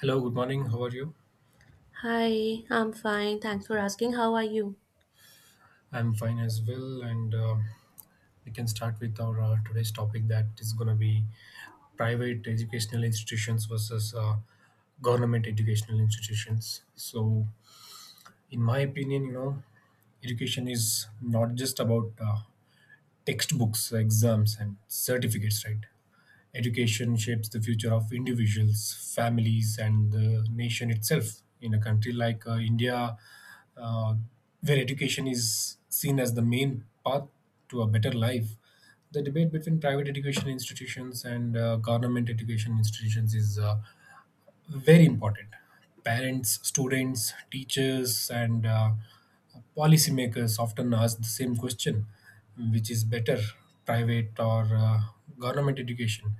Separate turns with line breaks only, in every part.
Hello, good morning. How are you?
Hi, I'm fine. Thanks for asking. How are you?
I'm fine as well, and we can start with our today's topic that is going to be private educational institutions versus government educational institutions. So, in my opinion, you know, education is not just about textbooks, exams, and certificates, right? Education shapes the future of individuals, families, and the nation itself. In a country like India, uh, where education is seen as the main path to a better life, the debate between private education institutions and government education institutions is very important. Parents, students, teachers, and policymakers often ask the same question, which is better, private or government education?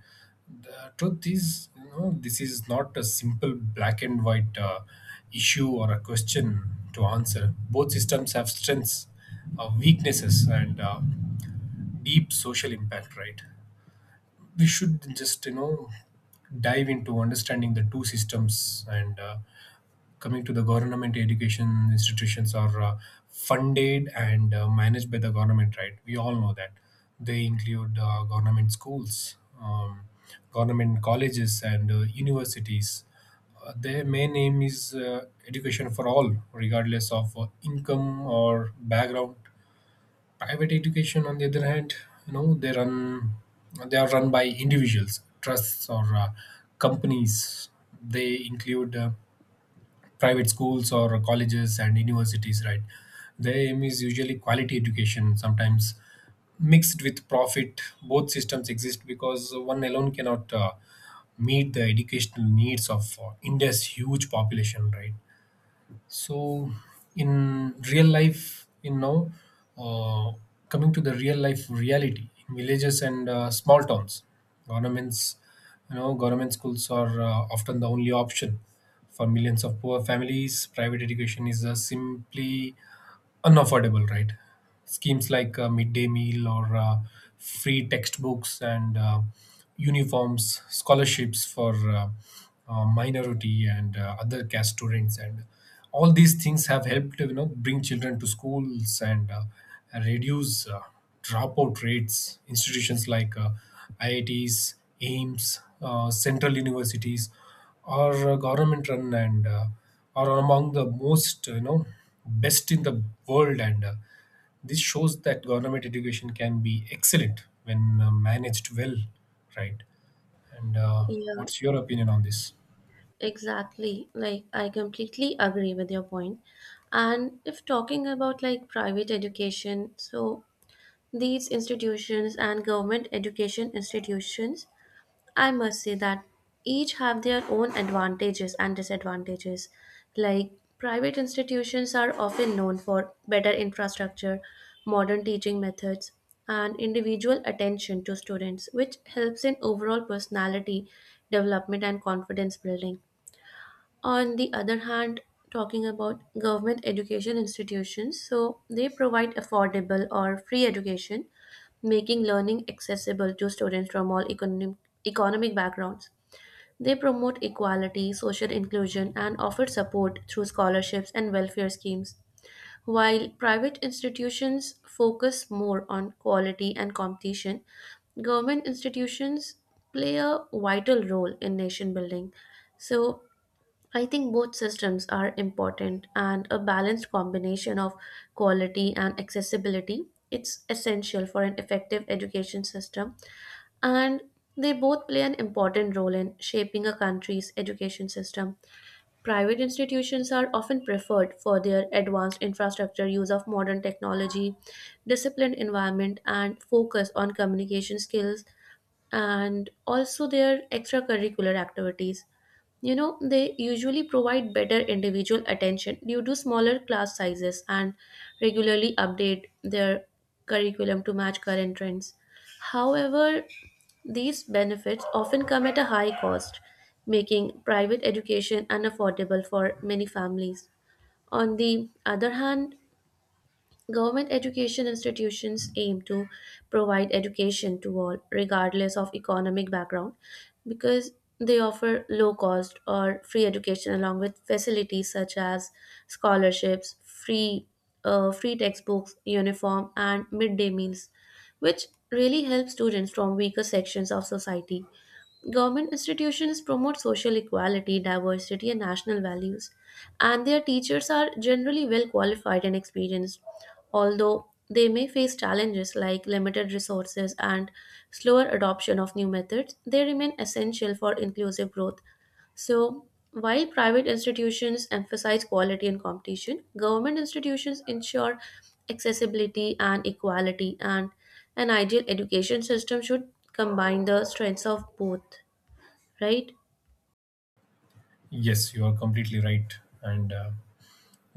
The truth is, you know, this is not a simple black and white issue or a question to answer. Both systems have strengths, weaknesses, and deep social impact, right? We should just, you know, dive into understanding the two systems. And coming to the government education institutions, are funded and managed by the government, right? We all know that. They include government schools, government colleges, and universities. Their main aim is education for all, regardless of income or background. Private education, on the other hand, you know, they are run by individuals, trusts, or companies. They include private schools or colleges and universities, right? Their aim is usually quality education, sometimes mixed with profit. Both systems exist because one alone cannot meet the educational needs of India's huge population, right? So, in real life, uh, coming to the real life reality, in villages and small towns, governments, you know, government schools are often the only option for millions of poor families. Private education is simply unaffordable, right? Schemes like midday meal, or free textbooks and uniforms, scholarships for minority and other caste students, and all these things have helped, you know, bring children to schools and reduce dropout rates. Institutions like IITs, AIMS, central universities are government run, and are among the most you know best in the world, and this shows that government education can be excellent when managed well, right? and
Yeah,
What's your opinion on this?
exactly. Like, I completely agree with your point. And if talking about like private education, so these institutions and government education institutions, I must say that each have their own advantages and disadvantages. Like, private institutions are often known for better infrastructure, modern teaching methods, and individual attention to students, which helps in overall personality development and confidence building. On the other hand, talking about government education institutions, so they provide affordable or free education, making learning accessible to students from all economic backgrounds. They promote equality, social inclusion, and offer support through scholarships and welfare schemes. While private institutions focus more on quality and competition, government institutions play a vital role in nation building. So, I think both systems are important, and a balanced combination of quality and accessibility, it's essential for an effective education system, and they both play an important role in shaping a country's education system. Private institutions are often preferred for their advanced infrastructure, use of modern technology, disciplined environment, and focus on communication skills and also their extracurricular activities. You know, they usually provide better individual attention due to smaller class sizes and regularly update their curriculum to match current trends. However, these benefits often come at a high cost, making private education unaffordable for many families. On the other hand, government education institutions aim to provide education to all, regardless of economic background, because they offer low cost or free education along with facilities such as scholarships, free textbooks, uniform, and midday meals, which really help students from weaker sections of society. Government institutions promote social equality, diversity, and national values, and their teachers are generally well qualified and experienced, although they may face challenges like limited resources and slower adoption of new methods. They remain essential for inclusive growth. So, while private institutions emphasize quality and competition, government institutions ensure accessibility and equality, and an ideal education system should combine the strengths of both, right?
Yes, you are completely right. And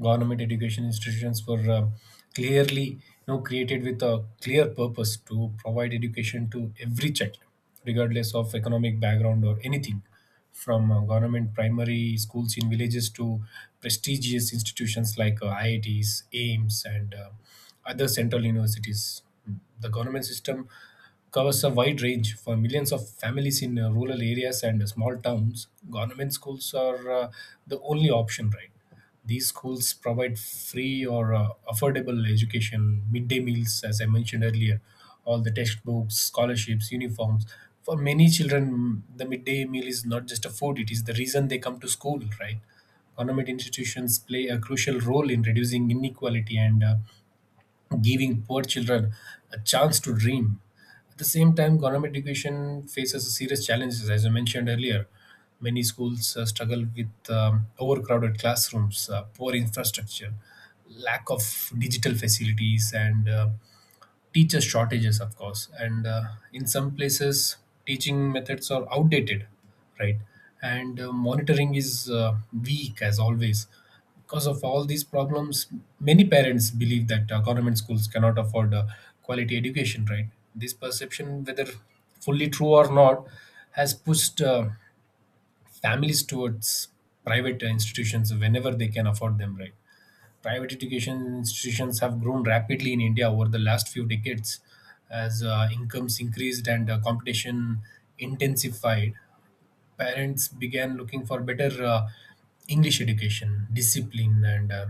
government education institutions were clearly, you know, created with a clear purpose to provide education to every child regardless of economic background or anything, from government primary schools in villages to prestigious institutions like IITs, AIMS, and other central universities. The government system covers a wide range. For millions of families in rural areas and small towns, government schools are the only option, right? These schools provide free or affordable education, midday meals, as I mentioned earlier, all the textbooks, scholarships, uniforms. For many children, the midday meal is not just a food, it is the reason they come to school, right? Government institutions play a crucial role in reducing inequality and giving poor children a chance to dream. At the same time, government education faces serious challenges, as I mentioned earlier. Many schools struggle with overcrowded classrooms, poor infrastructure, lack of digital facilities, and teacher shortages, of course. And in some places teaching methods are outdated, right? And monitoring is weak as always. Because of all these problems, many parents believe that government schools cannot afford quality education, right? This perception, whether fully true or not, has pushed families towards private institutions whenever they can afford them, right? Private education institutions have grown rapidly in India over the last few decades as incomes increased and competition intensified. Parents began looking for better English education, discipline, and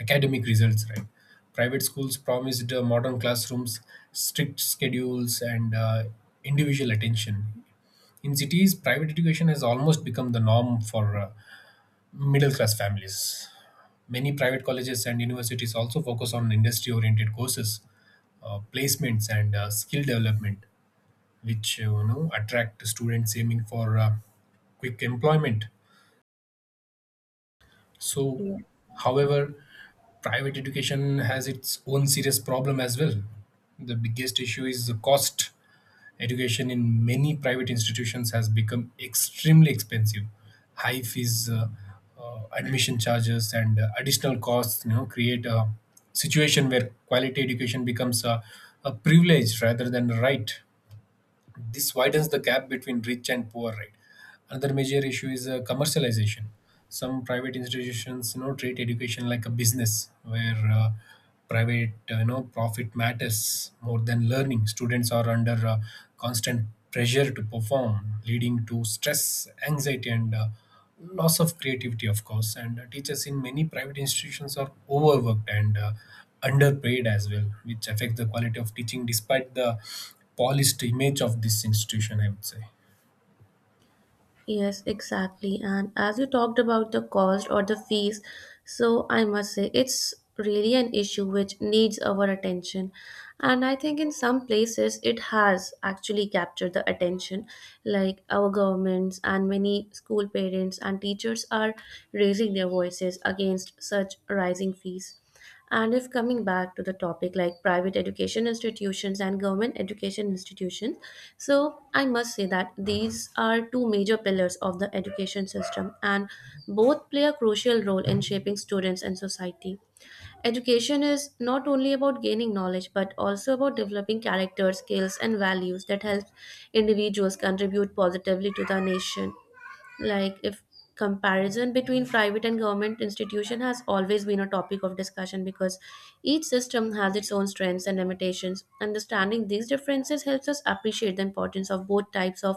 academic results. Right, private schools promised modern classrooms, strict schedules, and individual attention. In cities, private education has almost become the norm for middle class families. Many private colleges and universities also focus on industry oriented courses, placements, and skill development, which you know attract students aiming for quick employment. So,
Yeah.
however, private education has its own serious problem as well. The biggest issue is the cost. Education in many private institutions has become extremely expensive. High fees, admission charges, and additional costs, you know, create a situation where quality education becomes a privilege rather than a right. This widens the gap between rich and poor, right? Another major issue is commercialization. Some private institutions, you know, treat education like a business, where private, you know, profit matters more than learning. Students are under constant pressure to perform, leading to stress, anxiety, and loss of creativity, of course. And teachers in many private institutions are overworked and underpaid as well, which affects the quality of teaching despite the polished image of this institution, I would say.
Yes, exactly. And as you talked about the cost or the fees, so I must say it's really an issue which needs our attention. And I think in some places it has actually captured the attention, like our governments and many school parents and teachers are raising their voices against such rising fees. And if coming back to the topic like private education institutions and government education institutions, so I must say that these are two major pillars of the education system, and both play a crucial role in shaping students and society. Education is not only about gaining knowledge but also about developing character, skills, and values that help individuals contribute positively to the nation. Like, if comparison between private and government institution has always been a topic of discussion, because each system has its own strengths and limitations, understanding these differences helps us appreciate the importance of both types of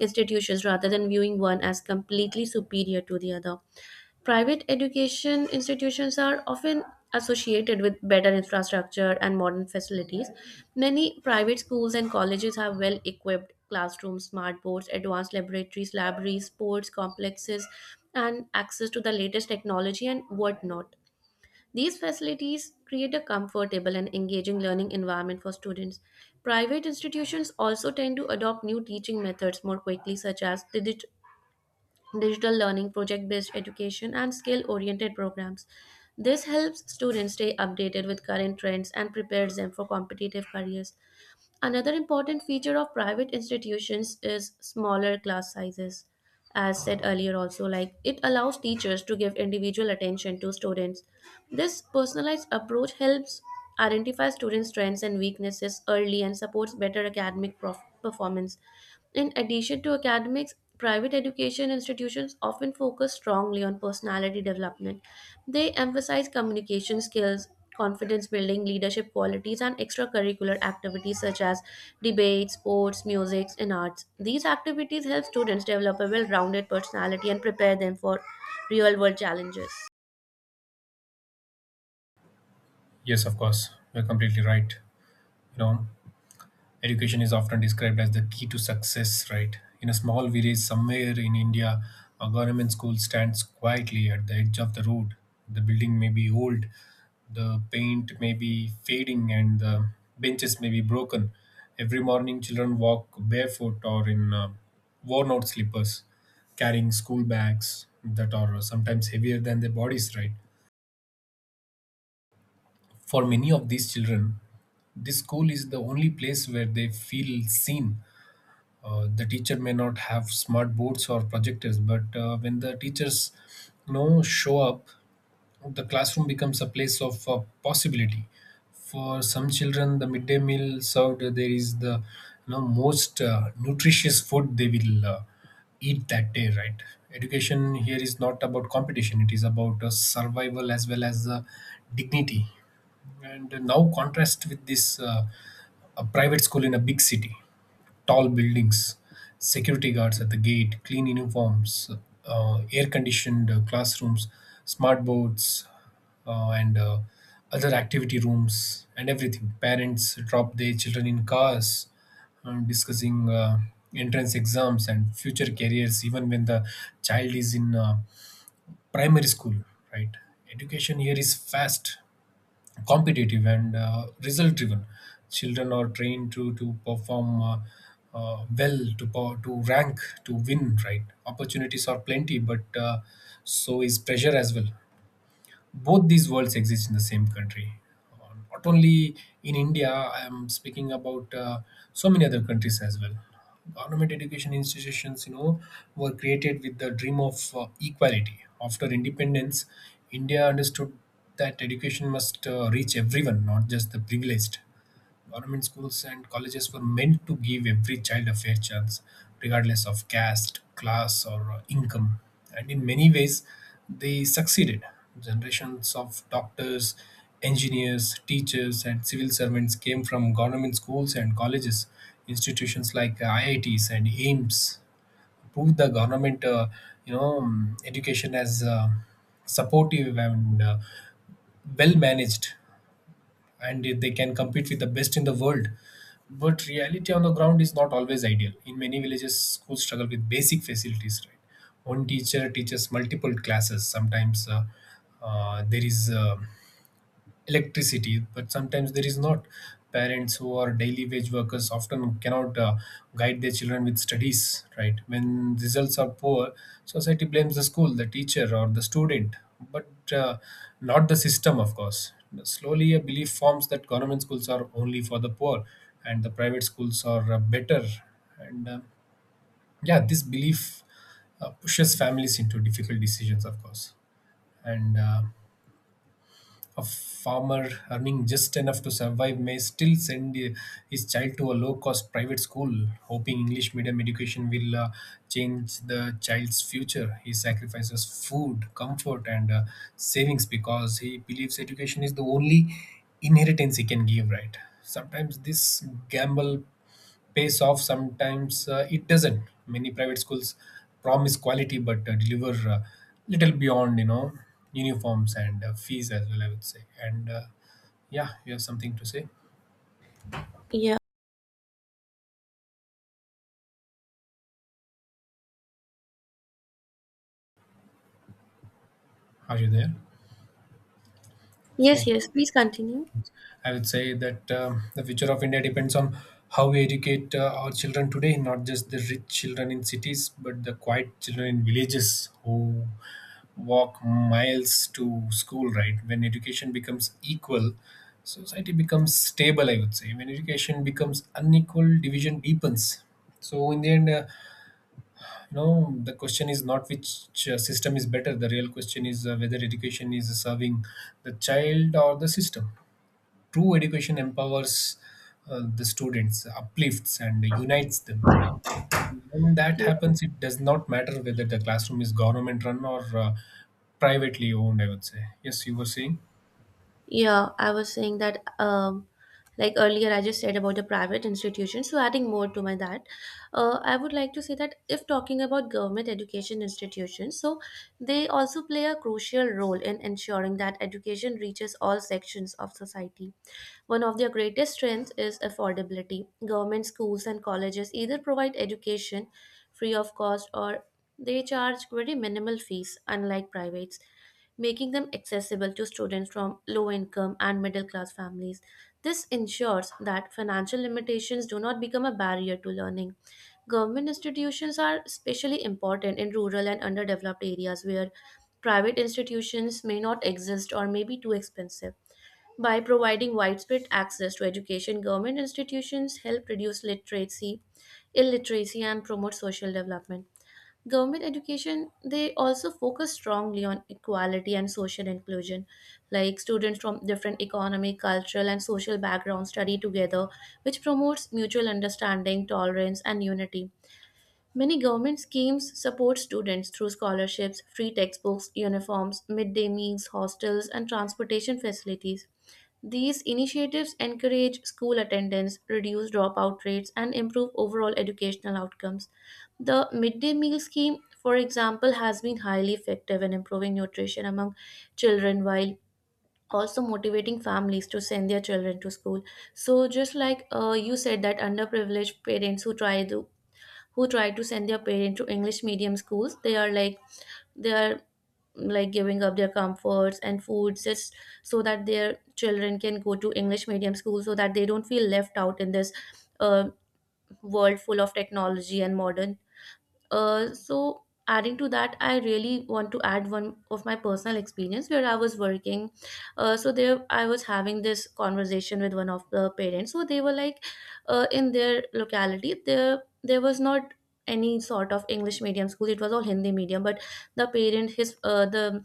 institutions rather than viewing one as completely superior to the other. Private education institutions are often associated with better infrastructure and modern facilities. Many private schools and colleges have well equipped classrooms, smart boards, advanced laboratories, libraries, sports complexes, and access to the latest technology and whatnot. These facilities create a comfortable and engaging learning environment for students. Private institutions also tend to adopt new teaching methods more quickly, such as digital learning, project based education, and skill oriented programs. This helps students stay updated with current trends and prepares them for competitive careers. Another important feature of private institutions is smaller class sizes. As said earlier, also, like, it allows teachers to give individual attention to students. This personalized approach helps identify students' strengths and weaknesses early and supports better academic performance. In addition to academics, private education institutions often focus strongly on personality development. They emphasize communication skills, confidence building, leadership qualities, and extracurricular activities such as debates, sports, music, and arts. These activities help students develop a well rounded personality and prepare them for real world challenges.
Yes, of course, you're completely right. You know, education is often described as the key to success, right? In a small village somewhere in India, a government school stands quietly at the edge of the road. The building may be old, the paint may be fading, and the benches may be broken. Every morning, children walk barefoot or in worn out slippers, carrying school bags that are sometimes heavier than their bodies, right? For many of these children, this school is the only place where they feel seen. The teacher may not have smart boards or projectors, but when the teachers, you know, show up, the classroom becomes a place of possibility. For some children, the midday meal served there is the, you know, most nutritious food they will eat that day, right? Education here is not about competition, it is about survival as well as dignity. And now contrast with this, a private school in a big city. Tall buildings, security guards at the gate, clean uniforms, air conditioned classrooms, smart boards, and other activity rooms, and everything. Parents drop their children in cars, discussing entrance exams and future careers, even when the child is in primary school, right? Education here is fast, competitive, and result driven. Children are trained to perform well, to to rank, to win, right? Opportunities are plenty, but so is pressure as well. Both these worlds exist in the same country. Not only in India, I am speaking about so many other countries as well. Government education institutions, you know, were created with the dream of equality. After independence, India understood that education must reach everyone, not just the privileged. Government schools and colleges were meant to give every child a fair chance, regardless of caste, class, or income. And in many ways, they succeeded. Generations of doctors, engineers, teachers, and civil servants came from government schools and colleges. Institutions like IITs and AIMS proved the government, education as supportive and well managed, and they can compete with the best in the world. But reality on the ground is not always ideal. In many villages, schools struggle with basic facilities. Right, one teacher teaches multiple classes. Sometimes there is electricity, but sometimes there is not. Parents who are daily wage workers often cannot guide their children with studies, right? When results are poor, society blames the school, the teacher, or the student, but not the system, of course. Slowly a belief forms that government schools are only for the poor and the private schools are better. And yeah, this belief pushes families into difficult decisions, of course. And a farmer earning just enough to survive may still send his child to a low cost private school, hoping English medium education will change the child's future. He sacrifices food, comfort, and savings because he believes education is the only inheritance he can give, right? Sometimes this gamble pays off, sometimes it doesn't. Many private schools promise quality, but deliver little beyond, you know, uniforms and fees as well, I would say. And Yeah, you have something to say?
Yeah.
Are you there?
Yes,
So
yes, please continue.
I would say that the future of India depends on how we educate our children today, not just the rich children in cities, but the quiet children in villages who walk miles to school, right? When education becomes equal, society becomes stable, I would say. When education becomes unequal, division deepens. So, in the end, you know, the question is not which system is better. The real question is whether education is serving the child or the system. True education empowers the students, uplifts and unites them. When that happens, it does not matter whether the classroom is government run or privately owned, I would say. Yes, you were saying?
Yeah, I was saying that, like earlier I just said about the private institutions. So, adding more to my that, I would like to say that if talking about government education institutions, so they also play a crucial role in ensuring that education reaches all sections of society. One of their greatest strengths is affordability. Government schools and colleges either provide education free of cost or they charge very minimal fees, unlike privates, making them accessible to students from low income and middle class families. This ensures that financial limitations do not become a barrier to learning. Government institutions are especially important in rural and underdeveloped areas where private institutions may not exist or may be too expensive. By providing widespread access to education, government institutions help reduce literacy, illiteracy, and promote social development. Government education, they also focus strongly on equality and social inclusion. Like, students from different economic, cultural, and social backgrounds study together, which promotes mutual understanding, tolerance, and unity. Many government schemes support students through scholarships, free textbooks, uniforms, midday meals, hostels, and transportation facilities. These initiatives encourage school attendance, reduce dropout rates, and improve overall educational outcomes. The midday meal scheme, for example, has been highly effective in improving nutrition among children while also motivating families to send their children to school. So, just like, you said, that underprivileged parents who try to, who try to send their parents to English medium schools, they are like, they are like giving up their comforts and foods just so that their children can go to English medium school, so that they don't feel left out in this, uh, world full of technology and modern, so adding to that, I really want to add one of my personal experience where I was working. So there I was having this conversation with one of the parents. So they were like, in their locality, there was not any sort of English medium school, it was all Hindi medium. But the parent, his the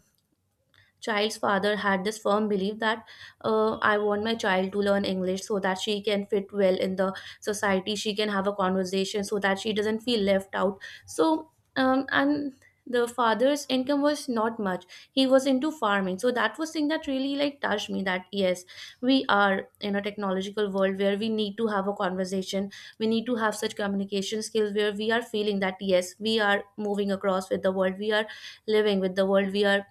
child's father had this firm belief that, I want my child to learn English so that she can fit well in the society, she can have a conversation, so that she doesn't feel left out. So um, and the father's income was not much, he was into farming, so that was thing that really like touched me, that yes, we are in a technological world where we need to have a conversation, we need to have such communication skills, where we are feeling that yes, we are moving across with the world, we are living with the world, we are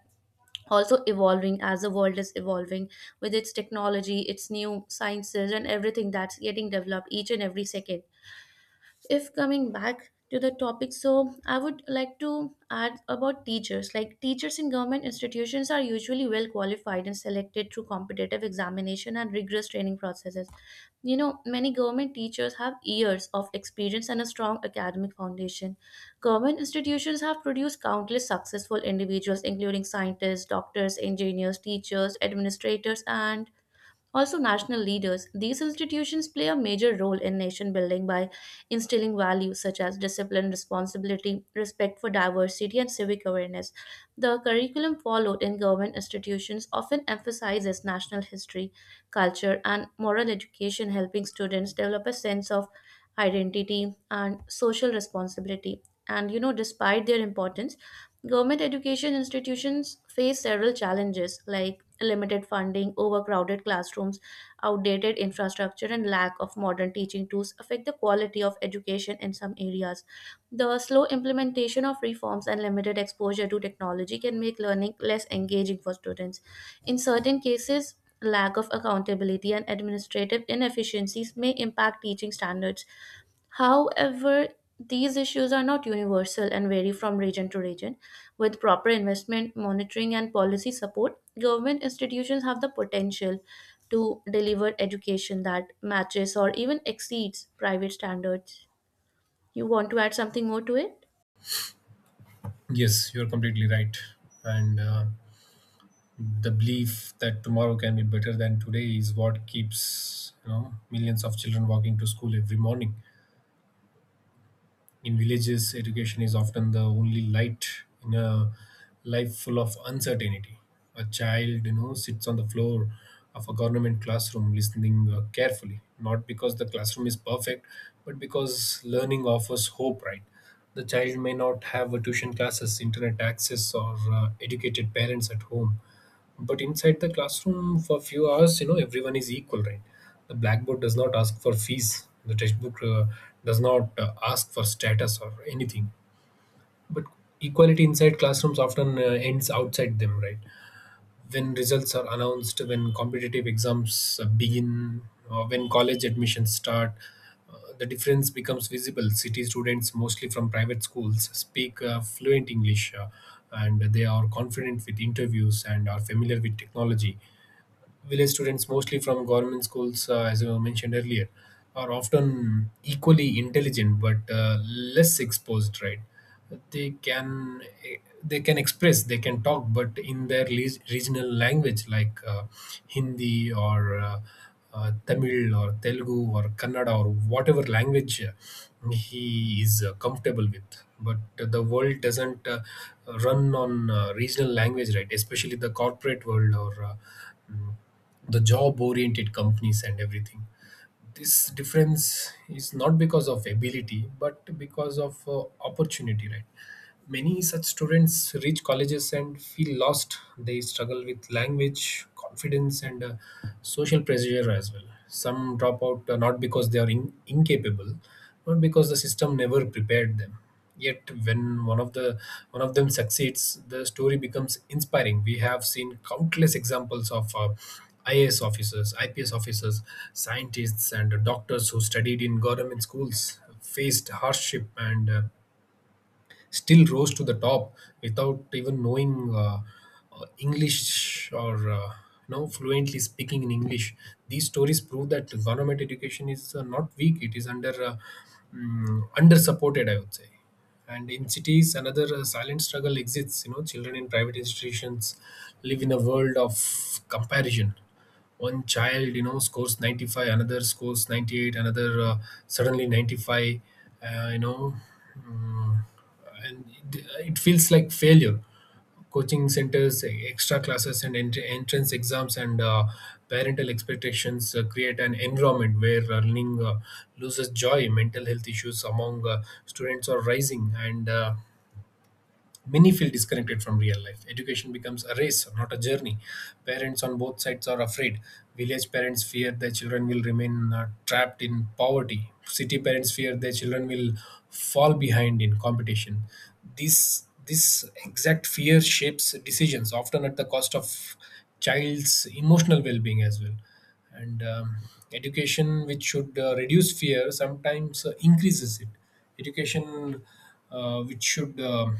also evolving as the world is evolving, with its technology, its new sciences, and everything that's getting developed each and every second. If coming back to the topic, so I would like to add about teachers. Like, teachers in government institutions are usually well qualified and selected through competitive examination and rigorous training processes. You know, many government teachers have years of experience and a strong academic foundation. Government institutions have produced countless successful individuals including scientists, doctors, engineers, teachers, administrators, and also national leaders. These institutions play a major role in nation building by instilling values such as discipline, responsibility, respect for diversity, and civic awareness. The curriculum followed in government institutions often emphasizes national history, culture, and moral education, helping students develop a sense of identity and social responsibility. And you know, despite their importance, government education institutions face several challenges like limited funding, overcrowded classrooms, outdated infrastructure, and lack of modern teaching tools affect the quality of education in some areas. The slow implementation of reforms and limited exposure to technology can make learning less engaging for students. In certain cases, lack of accountability and administrative inefficiencies may impact teaching standards. However, these issues are not universal and vary from region to region. With proper investment, monitoring, and policy support, government institutions have the potential to deliver education that matches or even exceeds private standards. You want to add something more to it?
Yes, you're completely right. And the belief that tomorrow can be better than today is what keeps millions of children walking to school every morning. In villages, education is often the only light in a life full of uncertainty. A child, sits on the floor of a government classroom listening carefully, not because the classroom is perfect, but because learning offers hope, right? The child may not have a tuition classes, internet access, or educated parents at home, but inside the classroom, for few hours, everyone is equal, right? The blackboard does not ask for fees. The textbook does not ask for status or anything. But equality inside classrooms often ends outside them, right? When results are announced, when competitive exams begin, or when college admissions start, the difference becomes visible. City students, mostly from private schools, speak fluent English, and they are confident with interviews and are familiar with technology. Village students, mostly from government schools, as I mentioned earlier, are often equally intelligent but less exposed. Right? They can eh, they can express, they can talk, but in their regional language, like Hindi or Tamil or Telugu or Kannada, or whatever language he is comfortable with. But the world doesn't run on regional language, right? Especially the corporate world, or mm, the job oriented companies and everything. This difference is not because of ability but because of opportunity, right? Many such students reach colleges and feel lost. They struggle with language, confidence, and social pressure as well. Some drop out, not because they are incapable, but because the system never prepared them. Yet when one of them succeeds, the story becomes inspiring. We have seen countless examples of IAS officers, IPS officers, scientists, and doctors who studied in government schools, faced hardship, and still rose to the top without even knowing English, or fluently speaking in English. These stories prove that government education is not weak; it is under supported, I would say. And in cities, another silent struggle exists. You know, children in private institutions live in a world of comparison. One child, you know, scores 95, another scores 98, another suddenly 95 uh, you know mm, and it feels like failure. Coaching centers, extra classes, and entrance exams, and parental expectations create an environment where learning loses joy. Mental health issues among students are rising, and many feel disconnected from real life. Education becomes a race, not a journey. Parents on both sides are afraid. Village parents fear their children will remain trapped in poverty. City parents fear their children will fall behind in competition. This exact fear shapes decisions, often at the cost of child's emotional well-being as well. And education, which should reduce fear, sometimes increases it. Education which should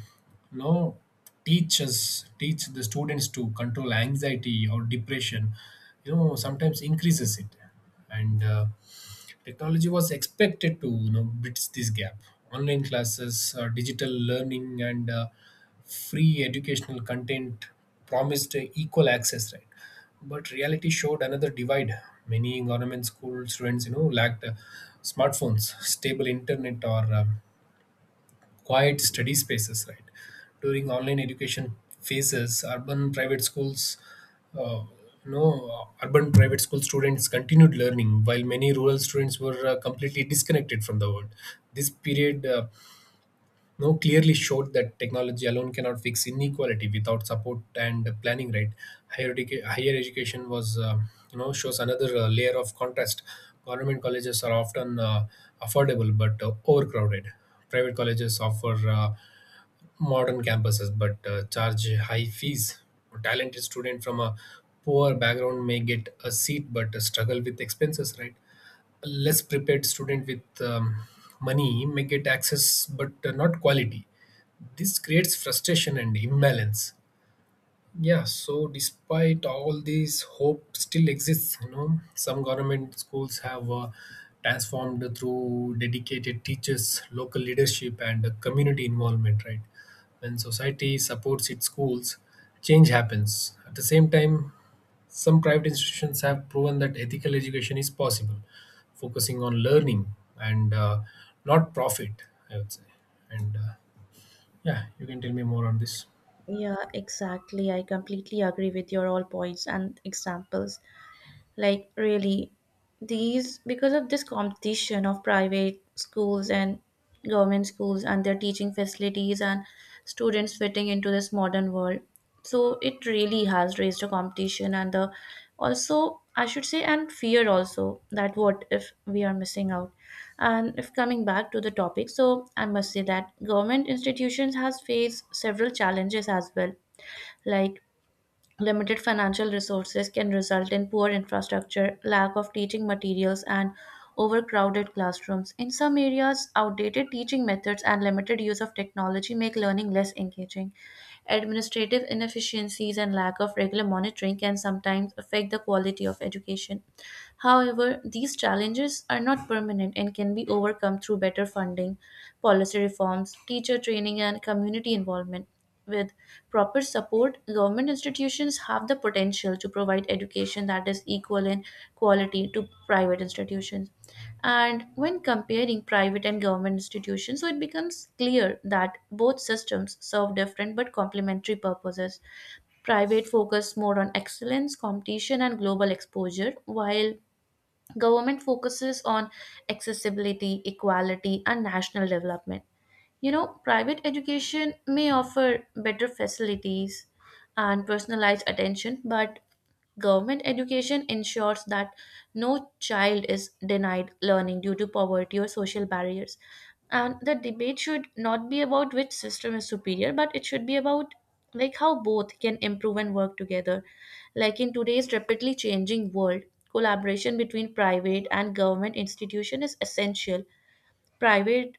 no teachers teach the students to control anxiety or depression, you know, sometimes increases it. And technology was expected to, you know, bridge this gap. Online classes, digital learning, and free educational content promised equal access, right? But reality showed another divide. Many government school students, you know, lacked smartphones, stable internet, or quiet study spaces, right? During online education phases, urban private schools, uh, urban private school students continued learning, while many rural students were completely disconnected from the world. This period you know, clearly showed that technology alone cannot fix inequality without support and planning, right? Higher education was, shows another layer of contrast. Government colleges are often affordable but overcrowded. Private colleges offer modern campuses but charge high fees. A talented student from a poor background may get a seat but struggle with expenses, right? A less prepared student with money may get access but not quality. This creates frustration and imbalance. Yeah, so despite all these, hope still exists. You know, some government schools have transformed through dedicated teachers, local leadership, and community involvement. Right, when society supports its schools, change happens. At the same time, some private institutions have proven that ethical education is possible, focusing on learning and not profit. I would say, and yeah, you can tell me more on this.
Yeah, exactly. I completely agree with your all points and examples. Like, really, these, because of this competition of private schools and government schools and their teaching facilities and students fitting into this modern world. So it really has raised a competition and the, also I should say, and fear also, that what if we are missing out. And if coming back to the topic, so I must say that government institutions has faced several challenges as well. Like, limited financial resources can result in poor infrastructure, lack of teaching materials, and overcrowded classrooms. In some areas, outdated teaching methods and limited use of technology make learning less engaging. Administrative inefficiencies and lack of regular monitoring can sometimes affect the quality of education. However, these challenges are not permanent and can be overcome through better funding, policy reforms, teacher training, and community involvement. With proper support, government institutions have the potential to provide education that is equal in quality to private institutions. And when comparing private and government institutions, so it becomes clear that both systems serve different but complementary purposes. Private focus more on excellence, competition, and global exposure, while government focuses on accessibility, equality, and national development. You know, private education may offer better facilities and personalized attention, but government education ensures that no child is denied learning due to poverty or social barriers. And the debate should not be about which system is superior, but it should be about, like, how both can improve and work together. Like, in today's rapidly changing world, collaboration between private and government institution is essential. Private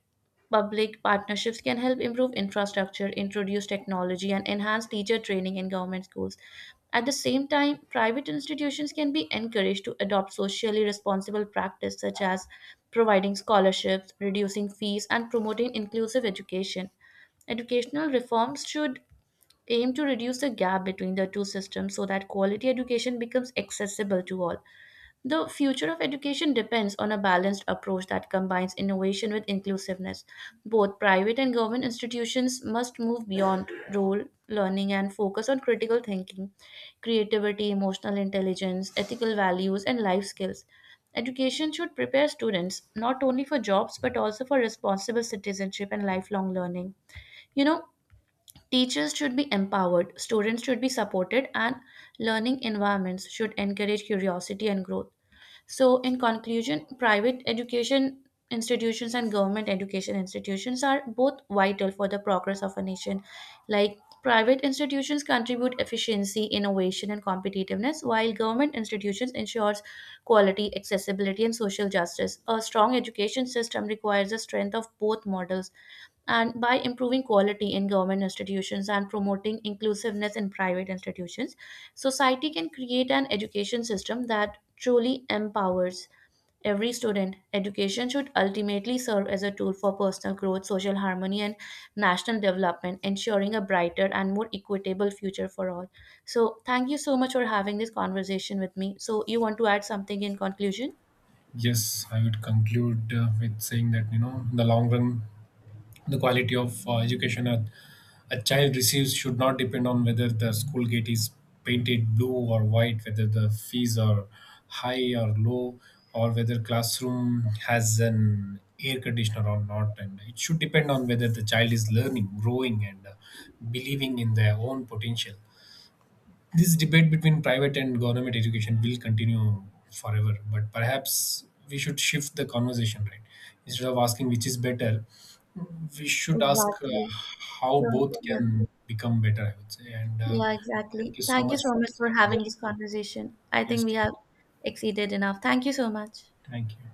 public partnerships can help improve infrastructure, introduce technology, and enhance teacher training in government schools. At the same time, private institutions can be encouraged to adopt socially responsible practice such as providing scholarships, reducing fees, and promoting inclusive education. Educational reforms should aim to reduce the gap between the two systems so that quality education becomes accessible to all. The future of education depends on a balanced approach that combines innovation with inclusiveness. Both private and government institutions must move beyond rote learning and focus on critical thinking, creativity, emotional intelligence, ethical values, and life skills. Education should prepare students not only for jobs but also for responsible citizenship and lifelong learning. You know, teachers should be empowered, students should be supported, and learning environments should encourage curiosity and growth. So, in conclusion, private education institutions and government education institutions are both vital for the progress of a nation. Like, private institutions contribute efficiency, innovation, and competitiveness, while government institutions ensures quality, accessibility, and social justice. A strong education system requires the strength of both models, and by improving quality in government institutions and promoting inclusiveness in private institutions, society can create an education system that truly empowers every student. Education should ultimately serve as a tool for personal growth, social harmony, and national development, ensuring a brighter and more equitable future for all. So, thank you so much for having this conversation with me. So, you want to add something in conclusion?
Yes, I would conclude with saying that, you know, in the long run, the quality of education a child receives should not depend on whether the school gate is painted blue or white, whether the fees are high or low, or whether classroom has an air conditioner or not. And it should depend on whether the child is learning, growing, and believing in their own potential. This debate between private and government education will continue forever, but perhaps we should shift the conversation, right? Instead of asking which is better, we should ask
Exactly.
how
So,
both
yeah.
can become better, I would say. And
Yeah, exactly.
thank you so
Thank you
much
so
for
much
this
for having
conversation.
this conversation. I
Yes,
think we have exceeded enough. Thank you so much.
thank you.